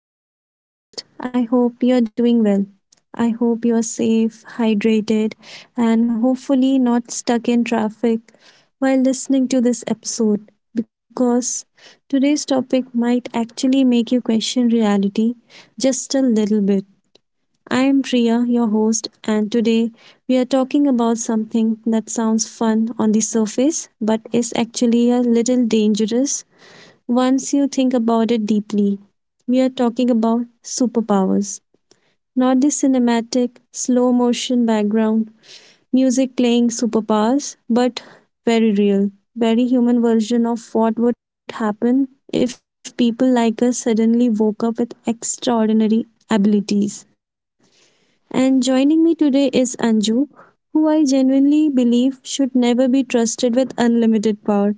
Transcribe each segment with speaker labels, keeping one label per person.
Speaker 1: back to the podcast. I hope you're doing well. I hope you're safe, hydrated, and hopefully not stuck in traffic while listening to this episode because today's topic might actually make you question reality just a little bit. I am Priya, your host, and today we are talking about something that sounds fun on the surface but is actually a little dangerous once you think about it deeply. We are talking about superpowers, not the cinematic, slow motion background, music playing superpowers, but very real, very human version of what would happen if people like us suddenly woke up with extraordinary abilities. And joining me today is Anju, who I genuinely believe should never be trusted with unlimited power.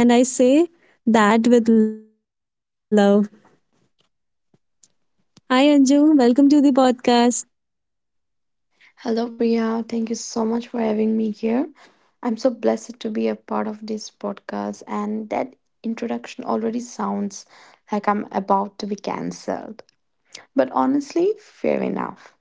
Speaker 1: And I say that with love. Hi Anju, welcome to the podcast.
Speaker 2: Hello, Priya. Thank you so much for having me here. I'm so blessed to be a part of this podcast, and that introduction already sounds like I'm about to be cancelled. But honestly, fair enough.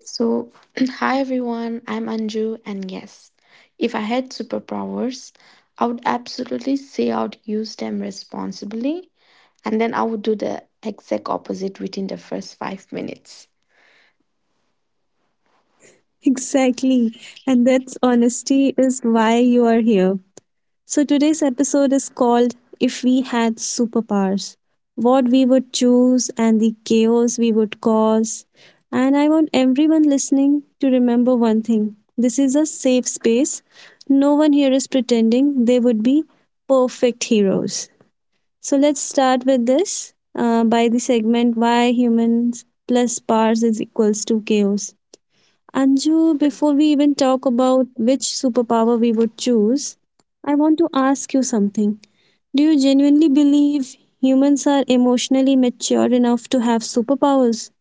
Speaker 2: So, hi everyone, I'm Anju, and yes, if I had superpowers, I would absolutely say I would use them responsibly, and then I would do the exact opposite within the first 5 minutes.
Speaker 1: Exactly. And that's honesty is why you are here. So today's episode is called If We Had Superpowers. What we would choose and the chaos we would cause. And I want everyone listening to remember one thing. This is a safe space. No one here is pretending they would be perfect heroes. So let's start with this by the segment why humans plus powers is equals to chaos. Anju, before we even talk about which superpower we would choose, I want to ask you something. Do you genuinely believe humans are emotionally mature enough to have superpowers?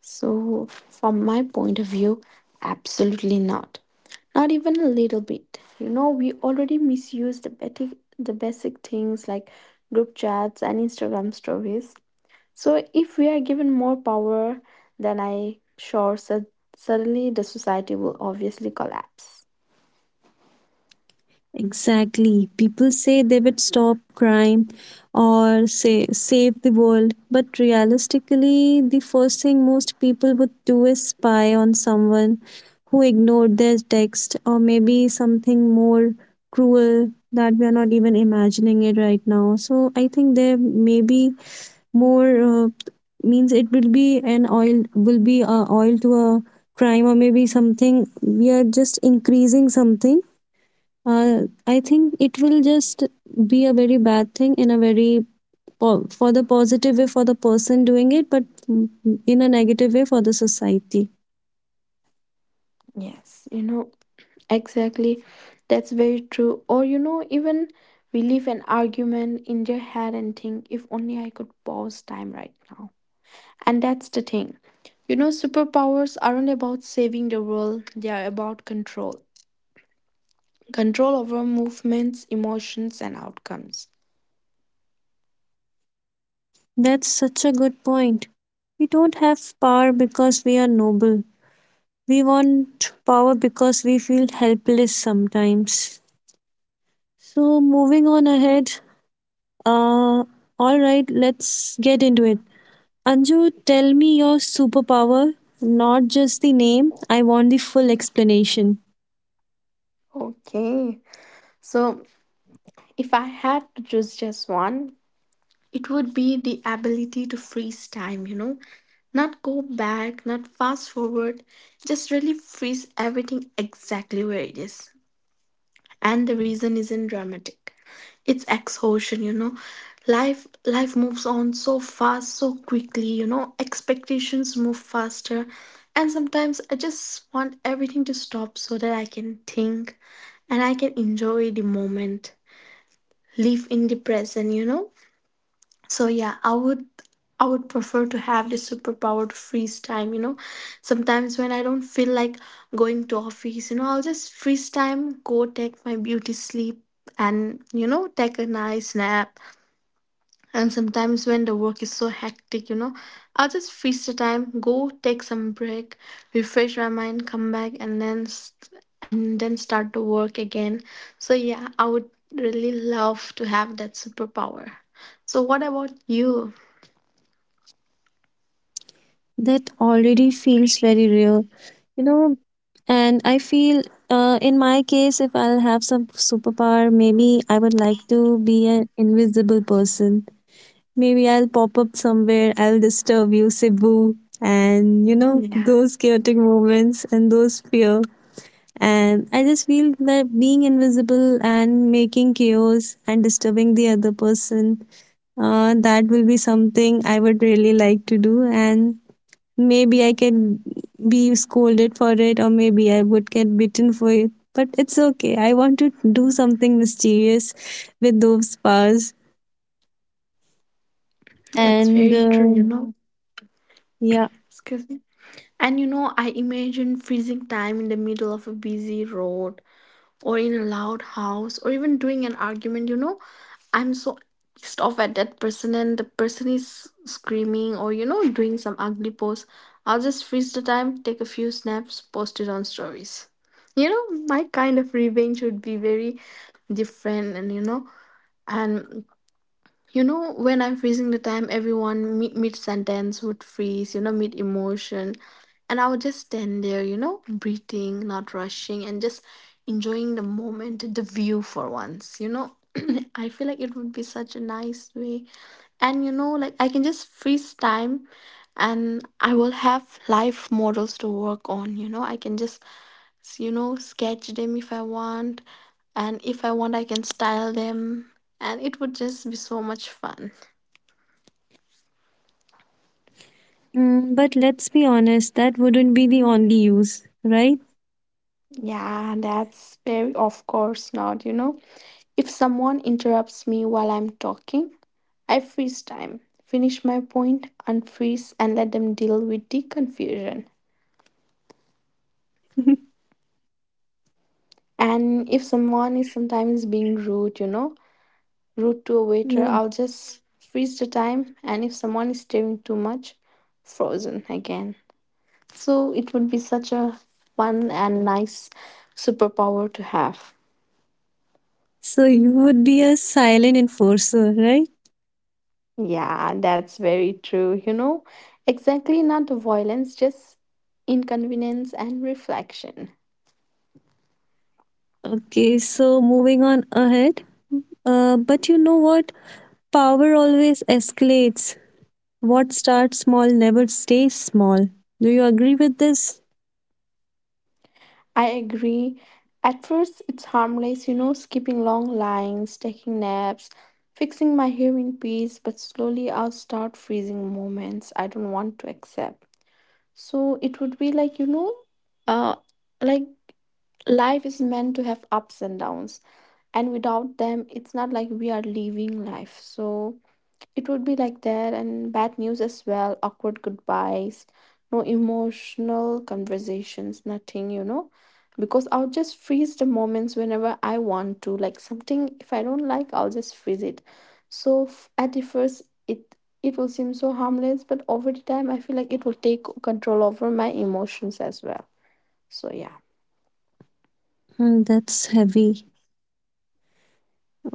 Speaker 2: So, from my point of view, absolutely not. Not even a little bit. You know, we already misuse the basic things like group chats and Instagram stories. So, if we are given more power, then suddenly the society will obviously collapse.
Speaker 1: Exactly. People say they would stop crime or say save the world, but realistically, the first thing most people would do is spy on someone who ignored their text or maybe something more cruel that we are not even imagining it right now. So I think there may be more means it will be an oil will be a oil to a crime or maybe something we are just increasing something. I think it will just be a very bad thing in a very for the positive way for the person doing it, but in a negative way for the society.
Speaker 2: Yes, you know, exactly. That's very true. Or, you know, even we leave an argument in their head and think, if only I could pause time right now. And that's the thing. You know, superpowers aren't about saving the world, they are about control. Control over movements, emotions, and outcomes.
Speaker 1: That's such a good point. We don't have power because we are noble. We want power because we feel helpless sometimes. So moving on ahead. Uh, all right, let's get into it. Anju, tell me your superpower, not just the name. I want the full explanation.
Speaker 2: Okay, so if I had to choose just one, it would be the ability to freeze time, you know, not go back, not fast forward, just really freeze everything exactly where it is. And the reason isn't dramatic, it's exhaustion, you know. Life moves on so fast, so quickly, you know, expectations move faster, and sometimes I just want everything to stop so that I can think and I can enjoy the moment, live in the present, you know. So yeah, I would prefer to have this superpower to freeze time, you know. Sometimes when I don't feel like going to office, you know, I'll just freeze time, go take my beauty sleep, and, you know, take a nice nap. And sometimes when the work is so hectic, you know, I'll just freeze the time, go take some break, refresh my mind, come back, and then start the work again. So yeah, I would really love to have that superpower. So what about you?
Speaker 1: That already feels very real, you know. And I feel, in my case, if I'll have some superpower, maybe I would like to be an invisible person. Maybe I'll pop up somewhere, I'll disturb you, Cebu, and you know,
Speaker 2: Yeah,
Speaker 1: those chaotic moments and those fear. And I just feel that being invisible and making chaos and disturbing the other person, that will be something I would really like to do. And maybe I can be scolded for it, or maybe I would get bitten for it. But it's okay. I want to do something mysterious with those powers.
Speaker 2: that's
Speaker 1: And
Speaker 2: very true, you know.
Speaker 1: yeah.
Speaker 2: Excuse me. And you know, I imagine freezing time in the middle of a busy road or in a loud house or even doing an argument, you know. I'm so pissed off at that person and the person is screaming or, you know, doing some ugly pose. I'll just freeze the time, take a few snaps, post it on stories. You know, my kind of revenge would be very different and, you know, and you know, when I'm freezing the time, everyone mid sentence would freeze, you know, mid emotion. And I would just stand there, you know, breathing, not rushing, and just enjoying the moment, the view, for once, you know. I feel like it would be such a nice way. And you know, like, I can just freeze time, and I will have life models to work on, you know. I can just, you know, sketch them if I want, and if I want, I can style them, and it would just be so much fun.
Speaker 1: Mm, but let's be honest, that wouldn't be the only use, right?
Speaker 2: Yeah, that's very— of course not, you know. If someone interrupts me while I'm talking, I freeze time, finish my point, unfreeze, and let them deal with the confusion. And if someone is sometimes being rude, you know, rude to a waiter,
Speaker 1: Yeah.
Speaker 2: I'll just freeze the time. And if someone is staring too much, frozen again. So it would be such a fun and nice superpower to have.
Speaker 1: So you would be a silent enforcer, right?
Speaker 2: Yeah, that's very true. You know, exactly, not the violence, just inconvenience and reflection.
Speaker 1: Okay, so moving on ahead. But you know what? Power always escalates. What starts small never stays small. Do you agree with this?
Speaker 2: I agree. At first, it's harmless, you know, skipping long lines, taking naps, fixing my hair in peace, but slowly I'll start freezing moments I don't want to accept. So it would be like, you know, uh, like, life is meant to have ups and downs, and without them, it's not like we are living life. So it would be like that, and bad news as well, awkward goodbyes, no emotional conversations, nothing, you know. Because I'll just freeze the moments whenever I want to. Like something, if I don't like, I'll just freeze it. So at the first, it will seem so harmless, but over the time, I feel like it will take control over my emotions as well. So yeah,
Speaker 1: Hmm, that's heavy.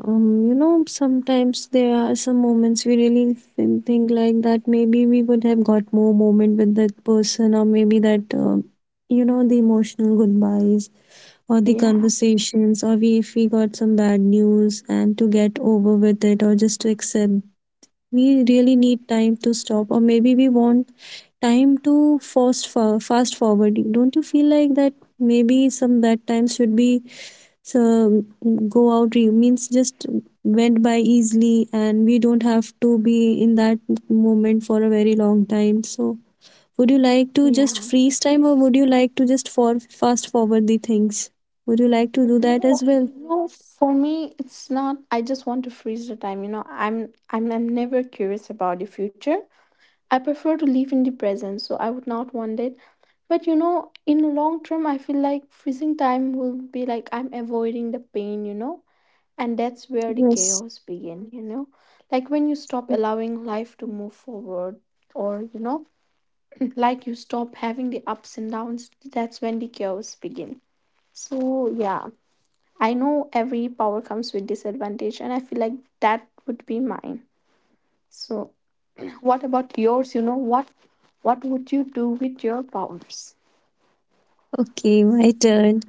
Speaker 1: You know, sometimes there are some moments we really think like that maybe we would have got more moment with that person, or maybe that, you know, the emotional goodbyes or the
Speaker 2: yeah,
Speaker 1: conversations or we, if we got some bad news and to get over with it or just to accept we really need time to stop or maybe we want time to fast forward. Don't you feel like that maybe some that time should be so means just went by easily and we don't have to be in that moment for a very long time. So would you like to just
Speaker 2: yeah.
Speaker 1: freeze time or would you like to just for fast forward the things? Would you like to do that
Speaker 2: No,
Speaker 1: as well?
Speaker 2: no, for me it's not. I just want to freeze the time, you know. I'm never curious about the future. I prefer to live in the present, so I would not want it. But you know, in the long term, I feel like freezing time will be like I'm avoiding the pain, you know. And that's where the
Speaker 1: Yes.
Speaker 2: chaos begin, you know. Like when you stop allowing life to move forward, or you know, like you stop having the ups and downs, that's when the chaos begin. So yeah. I know every power comes with disadvantage, and I feel like that would be mine. So, what about yours? You know what? What would you do with your powers?
Speaker 1: Okay, my turn.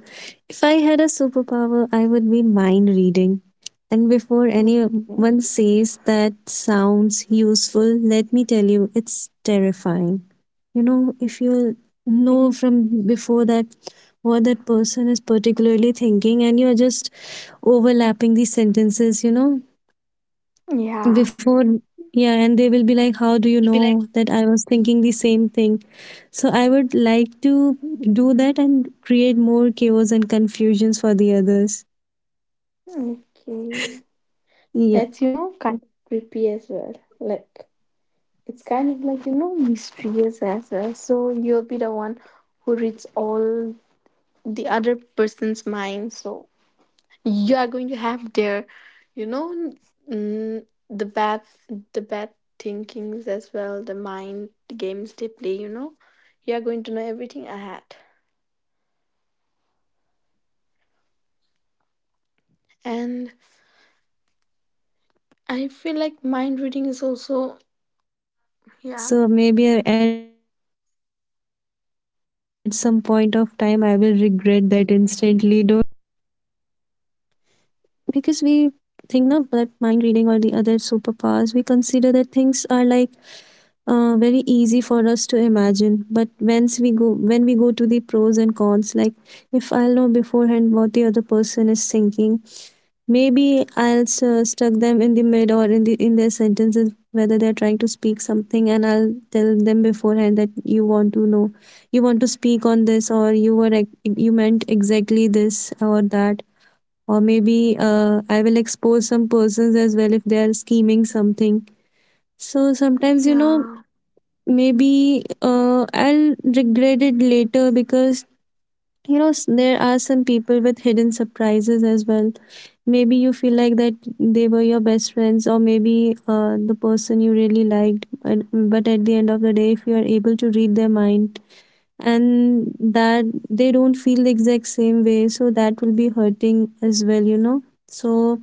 Speaker 1: If I had a superpower, I would be mind reading. And before
Speaker 2: Okay.
Speaker 1: anyone says that sounds useful, let me tell you, it's terrifying. You know, if you know from before that what that person is particularly thinking and you're just overlapping these sentences, you know,
Speaker 2: Yeah.
Speaker 1: before, yeah, and they will be like, how do you know that I was thinking the same thing? So I would like to do that and create more chaos and confusions for the others.
Speaker 2: Okay. That's, you know, kind of
Speaker 1: Yeah,
Speaker 2: creepy as well. Like, it's kind of like, you know, mysterious as well. So you'll be the one who reads all the other person's mind. So you are going to have their, you know n- mm, the bad thinkings as well, the mind, the games they play, you know. You are going to know everything ahead. And I feel like mind reading is also— yeah.
Speaker 1: so maybe at some point of time I will regret that instantly, don't you think? Because we think now that mind reading or the other superpowers we consider that things are like very easy for us to imagine, but once we go when we go to the pros and cons, like if I'll know beforehand what the other person is thinking, maybe I'll stuck them in the mid or in the in their sentences whether they're trying to speak something, and I'll tell them beforehand that you want to know, you want to speak on this, or you were you meant exactly this or that, or maybe I will expose some persons as well if they are scheming something. So sometimes, you know,
Speaker 2: Yeah.
Speaker 1: maybe I'll regret it later because, you know, there are some people with hidden surprises as well. Maybe you feel like that they were your best friends, or maybe the person you really liked. But at the end of the day, if you are able to read their mind and that they don't feel the exact same way, so that will be hurting as well, you know. So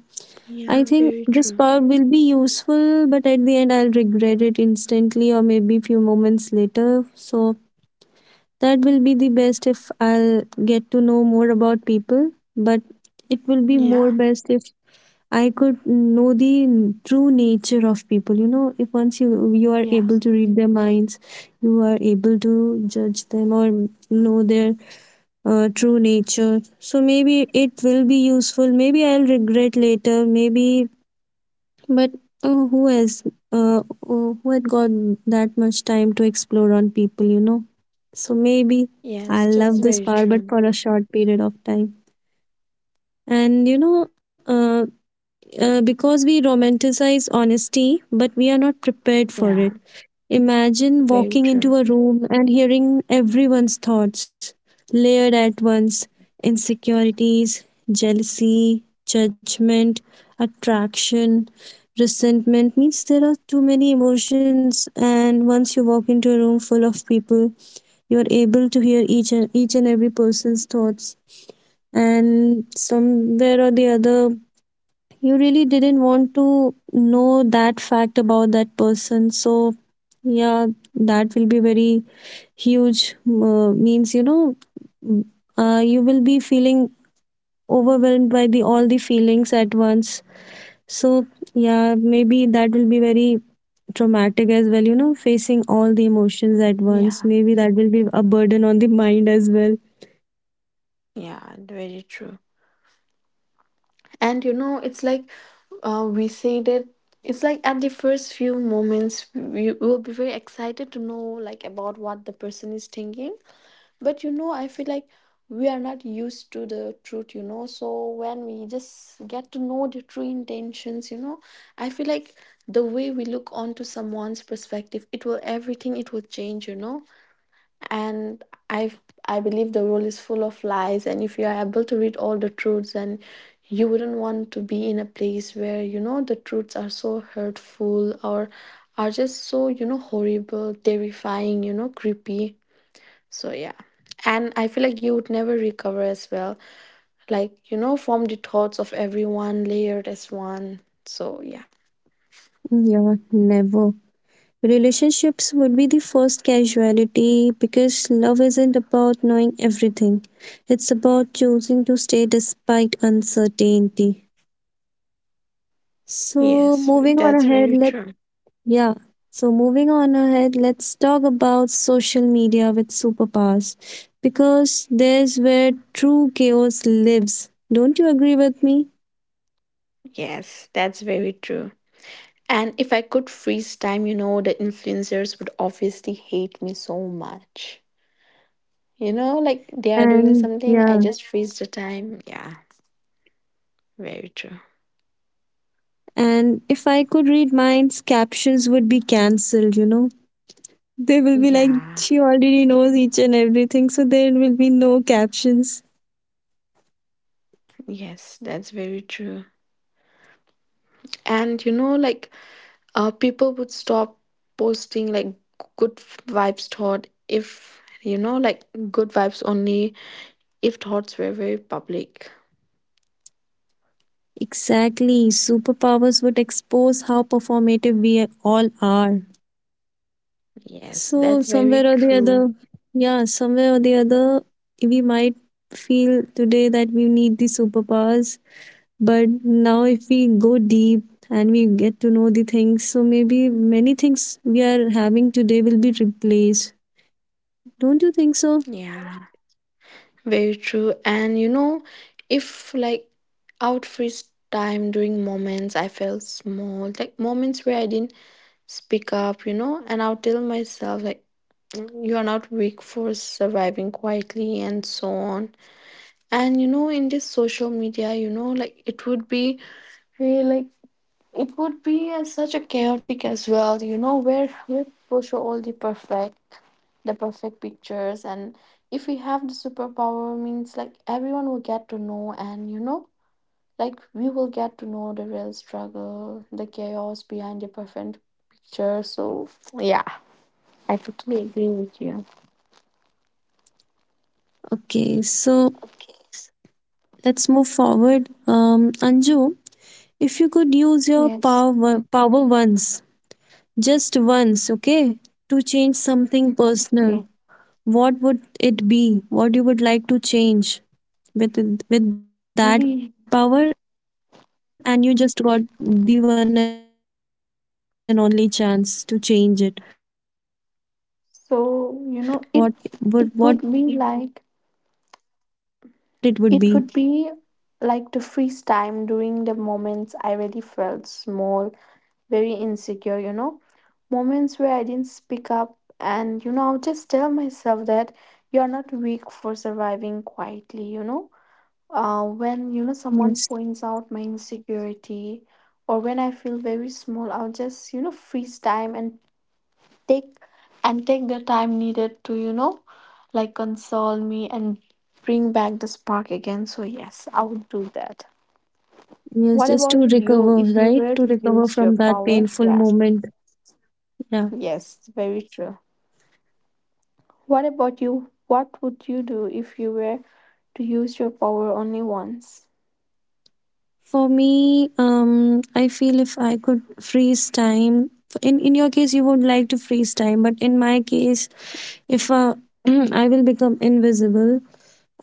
Speaker 1: I
Speaker 2: Yeah,
Speaker 1: think
Speaker 2: very
Speaker 1: this
Speaker 2: true.
Speaker 1: power will be useful, but at the end, I'll regret it instantly or maybe few moments later. So, that will be the best if I'll get to know more about people, but it will be more
Speaker 2: Yeah.
Speaker 1: best if I could know the true nature of people. You know, if once you are
Speaker 2: Yeah.
Speaker 1: able to read their minds, you are able to judge them or know their true nature. So maybe it will be useful. Maybe I'll regret later. Maybe but who has who had got that much time to explore on people, you know? So maybe I
Speaker 2: Yes, that's
Speaker 1: love this
Speaker 2: very
Speaker 1: power, but
Speaker 2: true.
Speaker 1: for a short period of time. And you know, because we romanticize honesty, but we are not prepared for
Speaker 2: Yeah,
Speaker 1: it. Imagine
Speaker 2: very
Speaker 1: walking
Speaker 2: true.
Speaker 1: into a room and hearing everyone's thoughts, layered at once: insecurities, jealousy, judgment, attraction, resentment. Means there are too many emotions, and once you walk into a room full of people, you are able to hear each and every person's thoughts. And somewhere or the other, you really didn't want to know that fact about that person. So, yeah, that will be very huge. Means, you know, you will be feeling overwhelmed by the all the feelings at once. So, yeah, maybe that will be very traumatic as well, you know, facing all the emotions at once.
Speaker 2: Yeah.
Speaker 1: Maybe that will be a burden on the mind as well.
Speaker 2: Yeah, very true. And you know, it's like, we say that it's like, at the first few moments we will be very excited to know, like, about what the person is thinking. But you know, I feel like we are not used to the truth, you know. So when we just get to know the true intentions, you know, I feel like the way we look onto someone's perspective, it will— everything it will change, you know. And i I believe the world is full of lies, and if you are able to read all the truths, and you wouldn't want to be in a place where, you know, the truths are so hurtful or are just, so, you know, horrible, terrifying, you know, creepy. So yeah. And I feel like you would never recover as well, like, you know, from the thoughts of everyone layered as one. So yeah.
Speaker 1: Yeah, never. Relationships would be the first casualty because love isn't about knowing everything. It's about choosing to stay despite uncertainty. So
Speaker 2: Yes,
Speaker 1: moving on
Speaker 2: that's
Speaker 1: ahead,
Speaker 2: very
Speaker 1: let,
Speaker 2: true.
Speaker 1: yeah. So moving on ahead, let's talk about social media with superpowers because there's where true chaos lives. Don't you agree with me?
Speaker 2: Yes, that's very true. And if I could freeze time, you know, the influencers would obviously hate me so much. You know, like, they are doing
Speaker 1: And
Speaker 2: something, I
Speaker 1: yeah,
Speaker 2: just freeze the time. Yeah, very true.
Speaker 1: and if I could read minds, captions would be cancelled, you know. They will be like,
Speaker 2: Yeah,
Speaker 1: she already knows each and everything, so there will be no captions.
Speaker 2: yes, that's very true. And you know, like, people would stop posting, like, good vibes thought, if you know, like, good vibes only, if thoughts were very public.
Speaker 1: Exactly. Superpowers would expose how performative we all are.
Speaker 2: Yes,
Speaker 1: So,
Speaker 2: that's
Speaker 1: somewhere
Speaker 2: very
Speaker 1: or the
Speaker 2: true.
Speaker 1: other, yeah, somewhere or the other, we might feel today that we need the superpowers. But now, if we go deep and we get to know the things, so maybe many things we are having today will be replaced. Don't you think so?
Speaker 2: Yeah. Very true. And you know, if like, out freeze time during moments I felt small, like moments where I didn't speak up, you know, and I'll tell myself like, "Mm, you are not weak for surviving quietly," and so on. And you know, in this social media, you know, like, it would be really like— it would be, such a chaotic as well, you know, where we push all the perfect pictures, and if we have the superpower, means like everyone will get to know, and you know, like we will get to know the real struggle, the chaos behind the perfect picture. So yeah, I totally agree with you.
Speaker 1: Okay, so
Speaker 2: Okay.
Speaker 1: let's move forward. Anju, if you could use your
Speaker 2: Yes.
Speaker 1: power once, just once, okay, to change something personal,
Speaker 2: Okay.
Speaker 1: what would it be? What you would like to change with with that power, and
Speaker 2: Mm.
Speaker 1: you just got the one and only chance to change it. What would what it would be?
Speaker 2: So you know, it— it could be like— it would be like to freeze time during the moments I really felt small, very insecure, you know. Moments where I didn't speak up, and you know, I'll just tell myself that you're not weak for surviving quietly, you know. When you know someone
Speaker 1: Yes,
Speaker 2: points out my insecurity, or when I feel very small, I'll just, you know, freeze time and take— and take the time needed to, you know, like console me and bring back the spark again. So yes, I would do that.
Speaker 1: yes,
Speaker 2: What
Speaker 1: just to
Speaker 2: about you,
Speaker 1: recover,
Speaker 2: if you
Speaker 1: right?
Speaker 2: were
Speaker 1: To
Speaker 2: to
Speaker 1: recover
Speaker 2: use your
Speaker 1: from that
Speaker 2: power?
Speaker 1: painful
Speaker 2: Yeah.
Speaker 1: moment. Yeah.
Speaker 2: Yes, very true. What about you? What would you do if you were to use your power only once?
Speaker 1: For me, I feel if I could freeze time, in your case, you would like to freeze time, but in my case, if I will become invisible,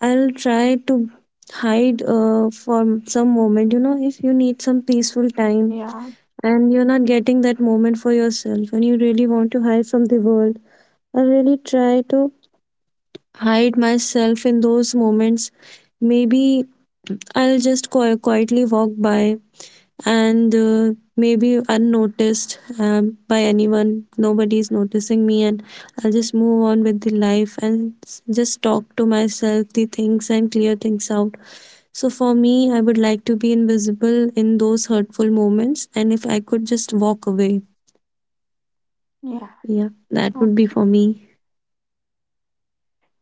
Speaker 1: I'll try to hide for some moment. You know, if you need some peaceful time
Speaker 2: Yeah.
Speaker 1: and you're not getting that moment for yourself, and you really want to hide from the world, I really try to hide myself in those moments. Maybe I'll just quietly walk by and maybe unnoticed by anyone. Nobody is noticing me, and I'll just move on with the life and just talk to myself the things and clear things out. So for me, I would like to be invisible in those hurtful moments, and if I could just walk away,
Speaker 2: Yeah.
Speaker 1: yeah, that would be
Speaker 2: Okay.
Speaker 1: for me,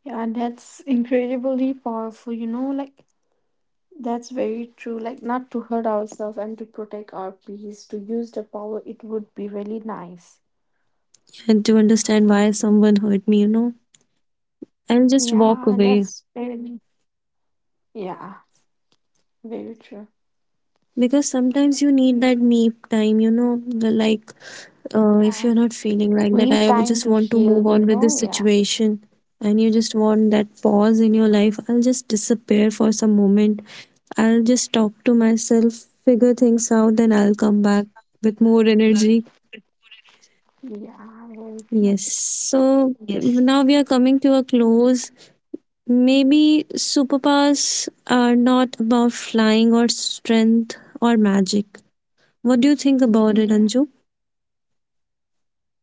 Speaker 2: Yeah, that's incredibly powerful, you know, like— that's very true. Like, not to hurt ourselves and to protect our peace, to use the power, it would be really nice.
Speaker 1: and to understand why someone hurt me, and just walk
Speaker 2: Yeah,
Speaker 1: away,
Speaker 2: that's very— yeah, very true.
Speaker 1: because sometimes you need that me time, the like if
Speaker 2: Yeah,
Speaker 1: you're not feeling like
Speaker 2: we
Speaker 1: that, I
Speaker 2: need
Speaker 1: would just
Speaker 2: time to
Speaker 1: want to move
Speaker 2: heal,
Speaker 1: on
Speaker 2: you
Speaker 1: with this
Speaker 2: know? Yeah,
Speaker 1: situation, and you just want that pause in your life, I'll just disappear for some moment. I'll just talk to myself, figure things out, then I'll come back with more energy.
Speaker 2: yeah, very true.
Speaker 1: Yes. So
Speaker 2: Yes.
Speaker 1: now we are coming to a close. Maybe superpowers are not about flying or strength or magic. What do you think about it,
Speaker 2: Yeah.
Speaker 1: Anju?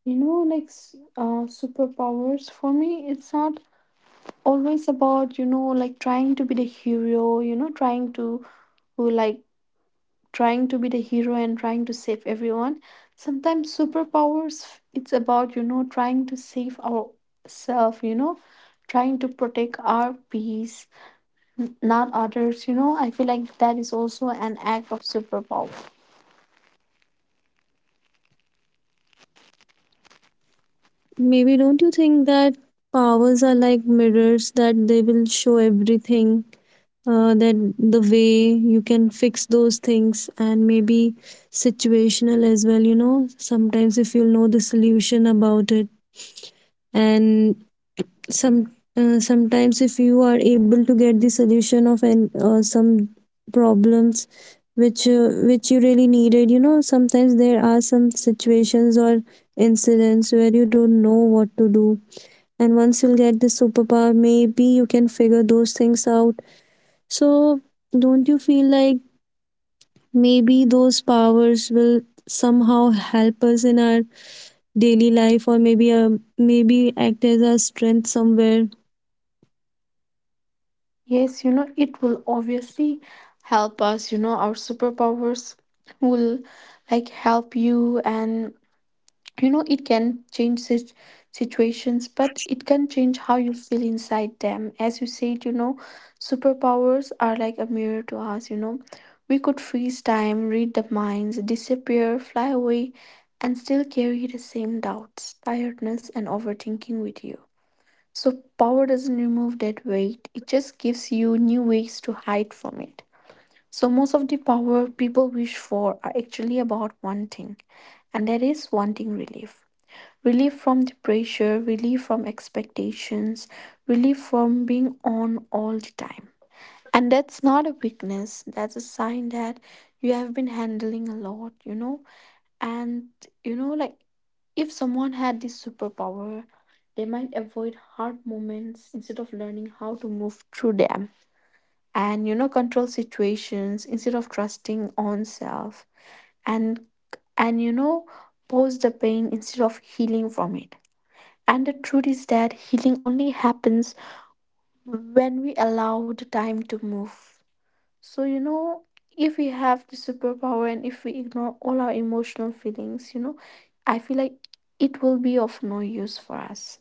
Speaker 2: Superpowers for me, it's not always about, like trying to be the hero, who like trying to be the hero and trying to save everyone. Sometimes superpowers, it's about, trying to save ourselves, trying to protect our peace, not others. I feel like that is also an act of superpower.
Speaker 1: Maybe don't you think that powers are like mirrors that they will show everything, that the way you can fix those things, and maybe situational as well? You know, sometimes if you know the solution about it, and some sometimes if you are able to get the solution of an some problems which you really needed. You know, sometimes there are some situations or incidents where you don't know what to do, and once you'll get this superpower maybe you can figure those things out. So don't you feel like maybe those powers will somehow help us in our daily life, or maybe act as our strength somewhere?
Speaker 2: Yes, you know it will obviously help us, you know. Our superpowers will like help you, and you know it can change situations, but it can change how you feel inside them. As you said, you know, superpowers are like a mirror to us, you know. We could freeze time, read the minds, disappear, fly away, and still carry the same doubts, tiredness and overthinking with you. So power doesn't remove that weight, it just gives you new ways to hide from it. So most of the power people wish for are actually about one thing, and that is wanting relief. Relief from the pressure, relief from expectations, relief from being on all the time. And that's not a weakness, that's a sign that you have been handling a lot, you know. And you know, like If someone had this superpower, they might avoid hard moments instead of learning how to move through them, and you know control situations instead of trusting on self, and and pause the pain instead of healing from it. And the truth is that healing only happens when we allow the time to move. So, you know, if we have the superpower and if we ignore all our emotional feelings, you know, I feel like it will be of no use for us.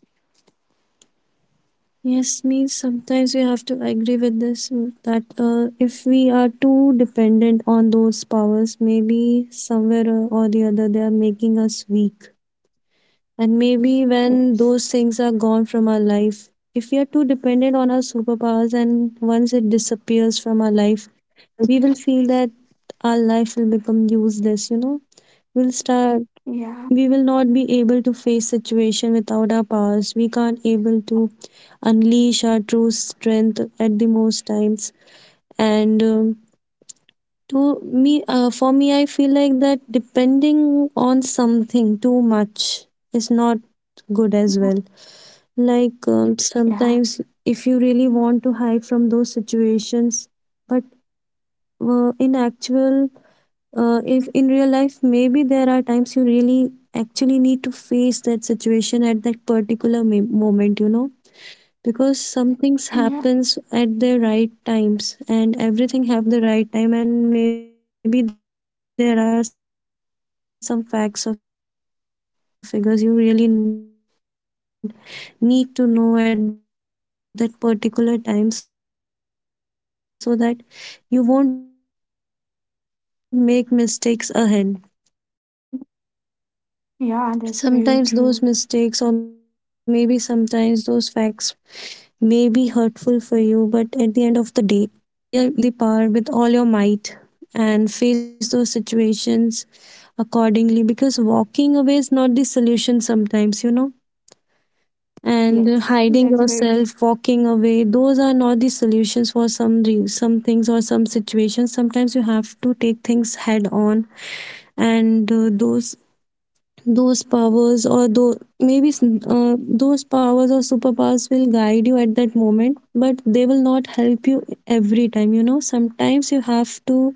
Speaker 1: Yes, means sometimes we have to agree with this, that if we are too dependent on those powers, maybe somewhere or the other they are making us weak. And maybe when
Speaker 2: Yes.
Speaker 1: those things are gone from our life, if we are too dependent on our superpowers and once it disappears from our life, we will feel that our life will become useless, you know. We'll start
Speaker 2: Yeah.
Speaker 1: we will not be able to face situation without our powers. We can't able to unleash our true strength at the most times. And for me, I feel like that depending on something too much is not good as
Speaker 2: Yeah.
Speaker 1: well, like
Speaker 2: Yeah.
Speaker 1: sometimes if you really want to hide from those situations, but in actual, if in real life maybe there are times you really actually need to face that situation at that particular moment, you know, because some things
Speaker 2: Yeah.
Speaker 1: happens at the right times and everything have the right time, and maybe there are some facts or figures you really need to know at that particular time, so that you won't make mistakes ahead. Sometimes those mistakes, or maybe sometimes those facts, may be hurtful for you, but at the end of the day, if you're not walking away, just stay there, face everything,
Speaker 2: Yeah. That's very true.
Speaker 1: so that that remains with you. You know the your true strength. So with you can stay there with all the power, with all your might, and face those situations accordingly. Because walking away is not the solution. Sometimes you know, and
Speaker 2: Yes.
Speaker 1: hiding
Speaker 2: That's very.
Speaker 1: yourself, walking away, those are not the solutions for some things or some situations. Sometimes you have to take things head on. And those powers or superpowers will guide you at that moment, but they will not help you every time. You know, sometimes you have to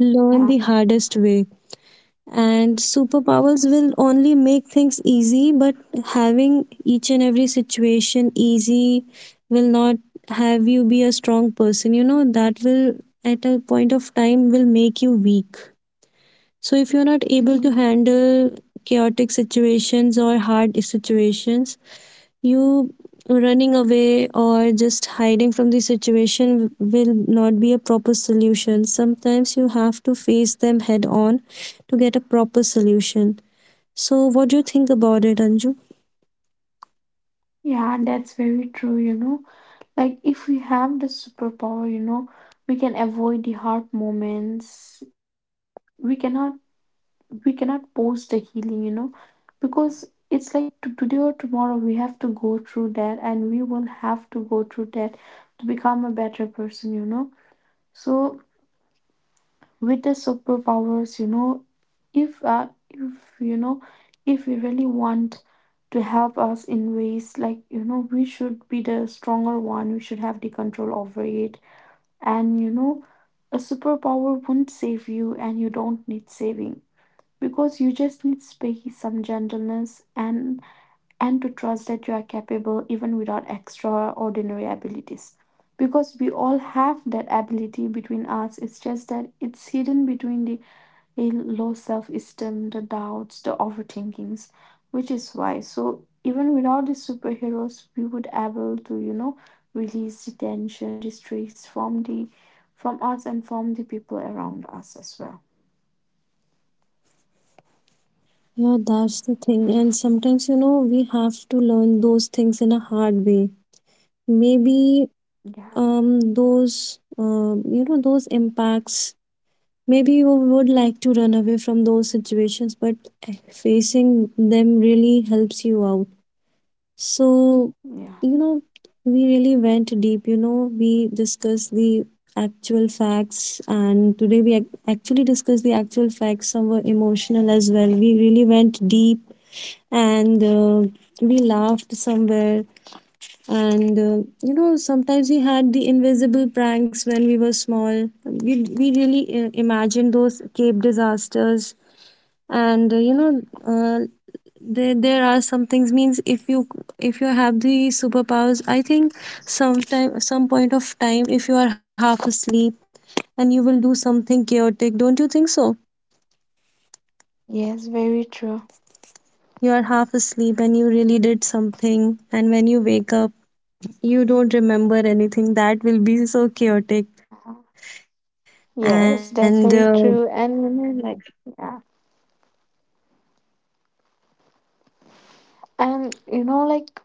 Speaker 1: learn
Speaker 2: Yeah.
Speaker 1: the hardest way, and superpowers
Speaker 2: Yes.
Speaker 1: will only make things easy, but having each and every situation easy will not have you be a strong person. You know, that will at a point of time will make you weak. So if you're not able to handle chaotic situations or hard situations, you running away or just hiding from the situation will not be a proper solution. Sometimes you have to face them head on to get a proper solution. So what do you think about it, Anju?
Speaker 2: Yeah, that's very true, you know. Like if we have the superpower, you know, we can avoid the hard moments, you know, but we cannot post the healing, you know, because it's like to today or tomorrow we have to go through that, and we will have to go through that to become a better person, you know. So with the superpowers, you know if you know if we really want to help us in ways, like you know we should be the stronger one, we should have the control over it. And you know, a superpower won't save you, and you don't need saving, because you just need space, some gentleness, and to trust that you are capable even without extraordinary abilities. Because we all have that ability between us, it's just that it's hidden between the a low self esteem, the doubts, the overthinkings, which is why. So even without the superheroes, we would able to you know release the tension, the stress from the from us and from the people around us as well.
Speaker 1: Yeah, that's the thing, and sometimes, you know, we have to learn those things in a hard way. Maybe
Speaker 2: Yeah,
Speaker 1: those you know, those impacts, maybe you would like to run away from those situations, but facing them really helps you out. So,
Speaker 2: yeah.
Speaker 1: you know, we really went deep, you know, we discussed the actual facts, and today we actually discussed the actual facts, some were emotional as well. We really went deep, and we laughed somewhere, and you know, sometimes we had the invisible pranks when we were small. We really imagined those cape disasters, and you know, there are some things, means, if you have the superpowers, I think some point of time, if you are half asleep and you will do something chaotic, don't you think so?
Speaker 2: Yes, very true.
Speaker 1: You are half asleep and you really did something, and when you wake up you don't remember anything, that will be so chaotic.
Speaker 2: Uh-huh.
Speaker 1: And
Speaker 2: Yes, that's very true. And you know, like, yeah, and
Speaker 1: yeah.
Speaker 2: you know, like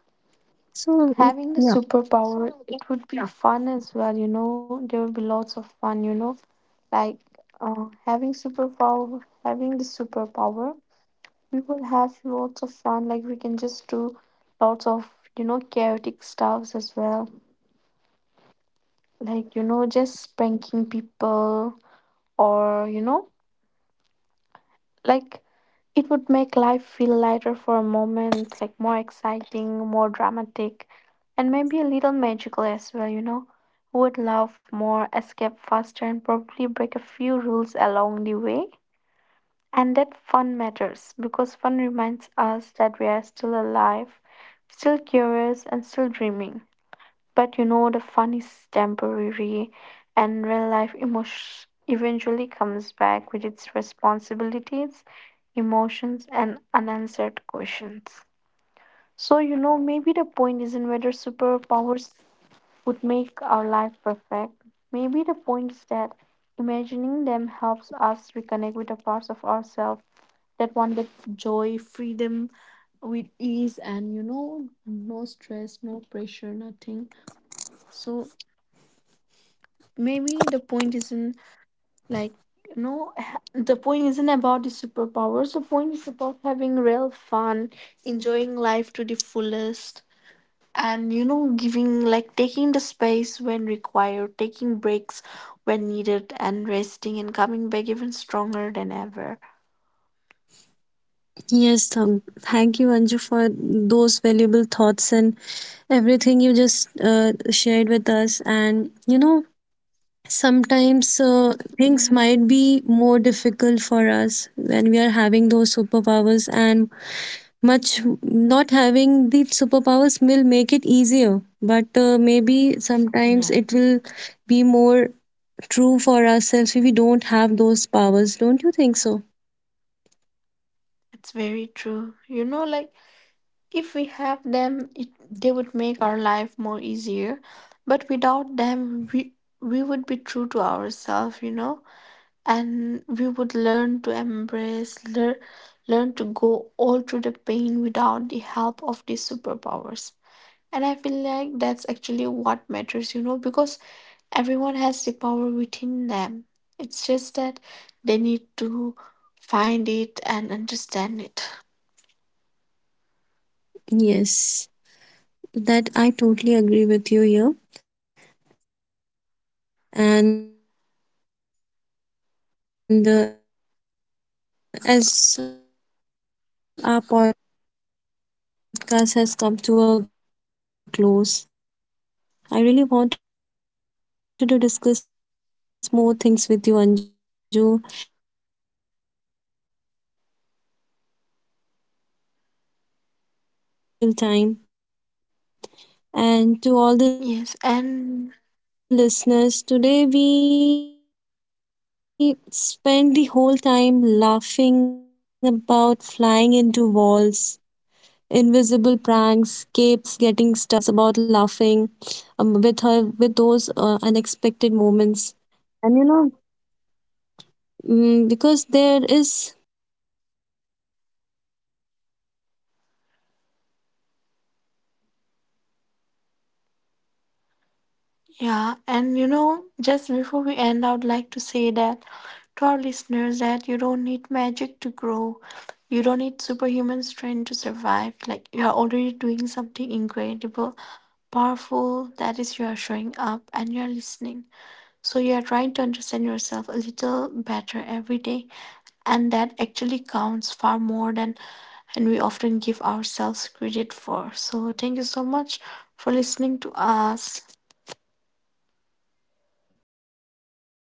Speaker 2: having the superpower, it would be fun as well. You know, there would be lots of fun. Like having the superpower, we will have lots of fun. Like we can just do lots of, you know, chaotic stuffs as well. Like, you know, just pranking people, or you know, like, it would make life feel lighter for a moment, like more exciting, more dramatic, and maybe a little magical as well, you know. Who would love more escape faster and probably break a few rules along the way. And that fun matters, because fun reminds us that we are still alive, still curious, and still dreaming. But you know, the fun is temporary, and real life emotion eventually comes back with its responsibilities, emotions, and unanswered questions. So, you know, maybe the point isn't whether superpowers would make our life perfect. Maybe the point is that imagining them helps us reconnect with the parts of ourselves that one gets joy, freedom with ease, and you know, no stress, no pressure, nothing. So maybe the point isn't, like the point isn't about the superpowers, the point is about having real fun, enjoying life to the fullest, and you know, giving like taking the space when required, taking breaks when needed, and resting and coming back even stronger than ever.
Speaker 1: Yes, thank you, Anju, for those valuable thoughts and everything you just shared with us. And you know, sometimes things
Speaker 2: Yes.
Speaker 1: might be more difficult for us when we are having those superpowers, and much not having the superpowers will make it easier. But maybe sometimes
Speaker 2: Yeah,
Speaker 1: it will be more true for ourselves if we don't have those powers. Don't you think so?
Speaker 2: it's very true, you know. Like if we have them, they would make our life more easier. But without them, we would be true to ourselves, you know, and we would learn to embrace, learn to go all through the pain without the help of these superpowers. And I feel like that's actually what matters, you know, because everyone has the power within them. It's just that they need to find it and understand it.
Speaker 1: Yes. That I totally agree with you here. And as our podcast has come to a close, I really wanted to discuss more things with you, Anju. And thank you for your valuable time. And to all the listeners, today we spent the whole time laughing about flying into walls,
Speaker 2: Yes,
Speaker 1: invisible
Speaker 2: and
Speaker 1: pranks, capes getting stuck indoors, or maybe honestly, my stomach still hurts about laughing with her, with those unexpected moments. And you know, mm, because there is, because here's the truth I keep coming back to: we don't need actual powers, you know, we don't actually need the actual powers, we
Speaker 2: yeah, and you
Speaker 1: already
Speaker 2: know,
Speaker 1: have
Speaker 2: just
Speaker 1: them.
Speaker 2: before we end, I would like
Speaker 1: Some
Speaker 2: to
Speaker 1: of
Speaker 2: say that
Speaker 1: yours might
Speaker 2: to
Speaker 1: be
Speaker 2: our
Speaker 1: small
Speaker 2: listeners
Speaker 1: and
Speaker 2: that you
Speaker 1: hidden.
Speaker 2: don't need
Speaker 1: The way
Speaker 2: magic
Speaker 1: you
Speaker 2: to
Speaker 1: get
Speaker 2: grow.
Speaker 1: out of
Speaker 2: You don't
Speaker 1: bed,
Speaker 2: need
Speaker 1: even
Speaker 2: superhuman
Speaker 1: when
Speaker 2: strength to
Speaker 1: everything feels
Speaker 2: survive. Like you
Speaker 1: happy.
Speaker 2: are already doing
Speaker 1: The
Speaker 2: something
Speaker 1: way you text
Speaker 2: incredible,
Speaker 1: someone, "I am
Speaker 2: powerful.
Speaker 1: proud
Speaker 2: That
Speaker 1: of you,"
Speaker 2: is, you are
Speaker 1: when no
Speaker 2: showing
Speaker 1: one
Speaker 2: up
Speaker 1: else
Speaker 2: and you are
Speaker 1: notices their
Speaker 2: listening.
Speaker 1: win.
Speaker 2: So you are
Speaker 1: The
Speaker 2: trying to
Speaker 1: way
Speaker 2: understand
Speaker 1: you
Speaker 2: yourself a
Speaker 1: apologize
Speaker 2: little better
Speaker 1: first,
Speaker 2: every day,
Speaker 1: or stay
Speaker 2: and that
Speaker 1: silent when
Speaker 2: actually
Speaker 1: someone
Speaker 2: counts
Speaker 1: needs
Speaker 2: far more than
Speaker 1: space, or
Speaker 2: and we
Speaker 1: keep
Speaker 2: often
Speaker 1: trying
Speaker 2: give
Speaker 1: after the
Speaker 2: ourselves credit
Speaker 1: 100th
Speaker 2: for.
Speaker 1: number.
Speaker 2: So thank you so much for
Speaker 1: Those
Speaker 2: listening to
Speaker 1: are
Speaker 2: us.
Speaker 1: not flashy. They don't come with capes or theme music,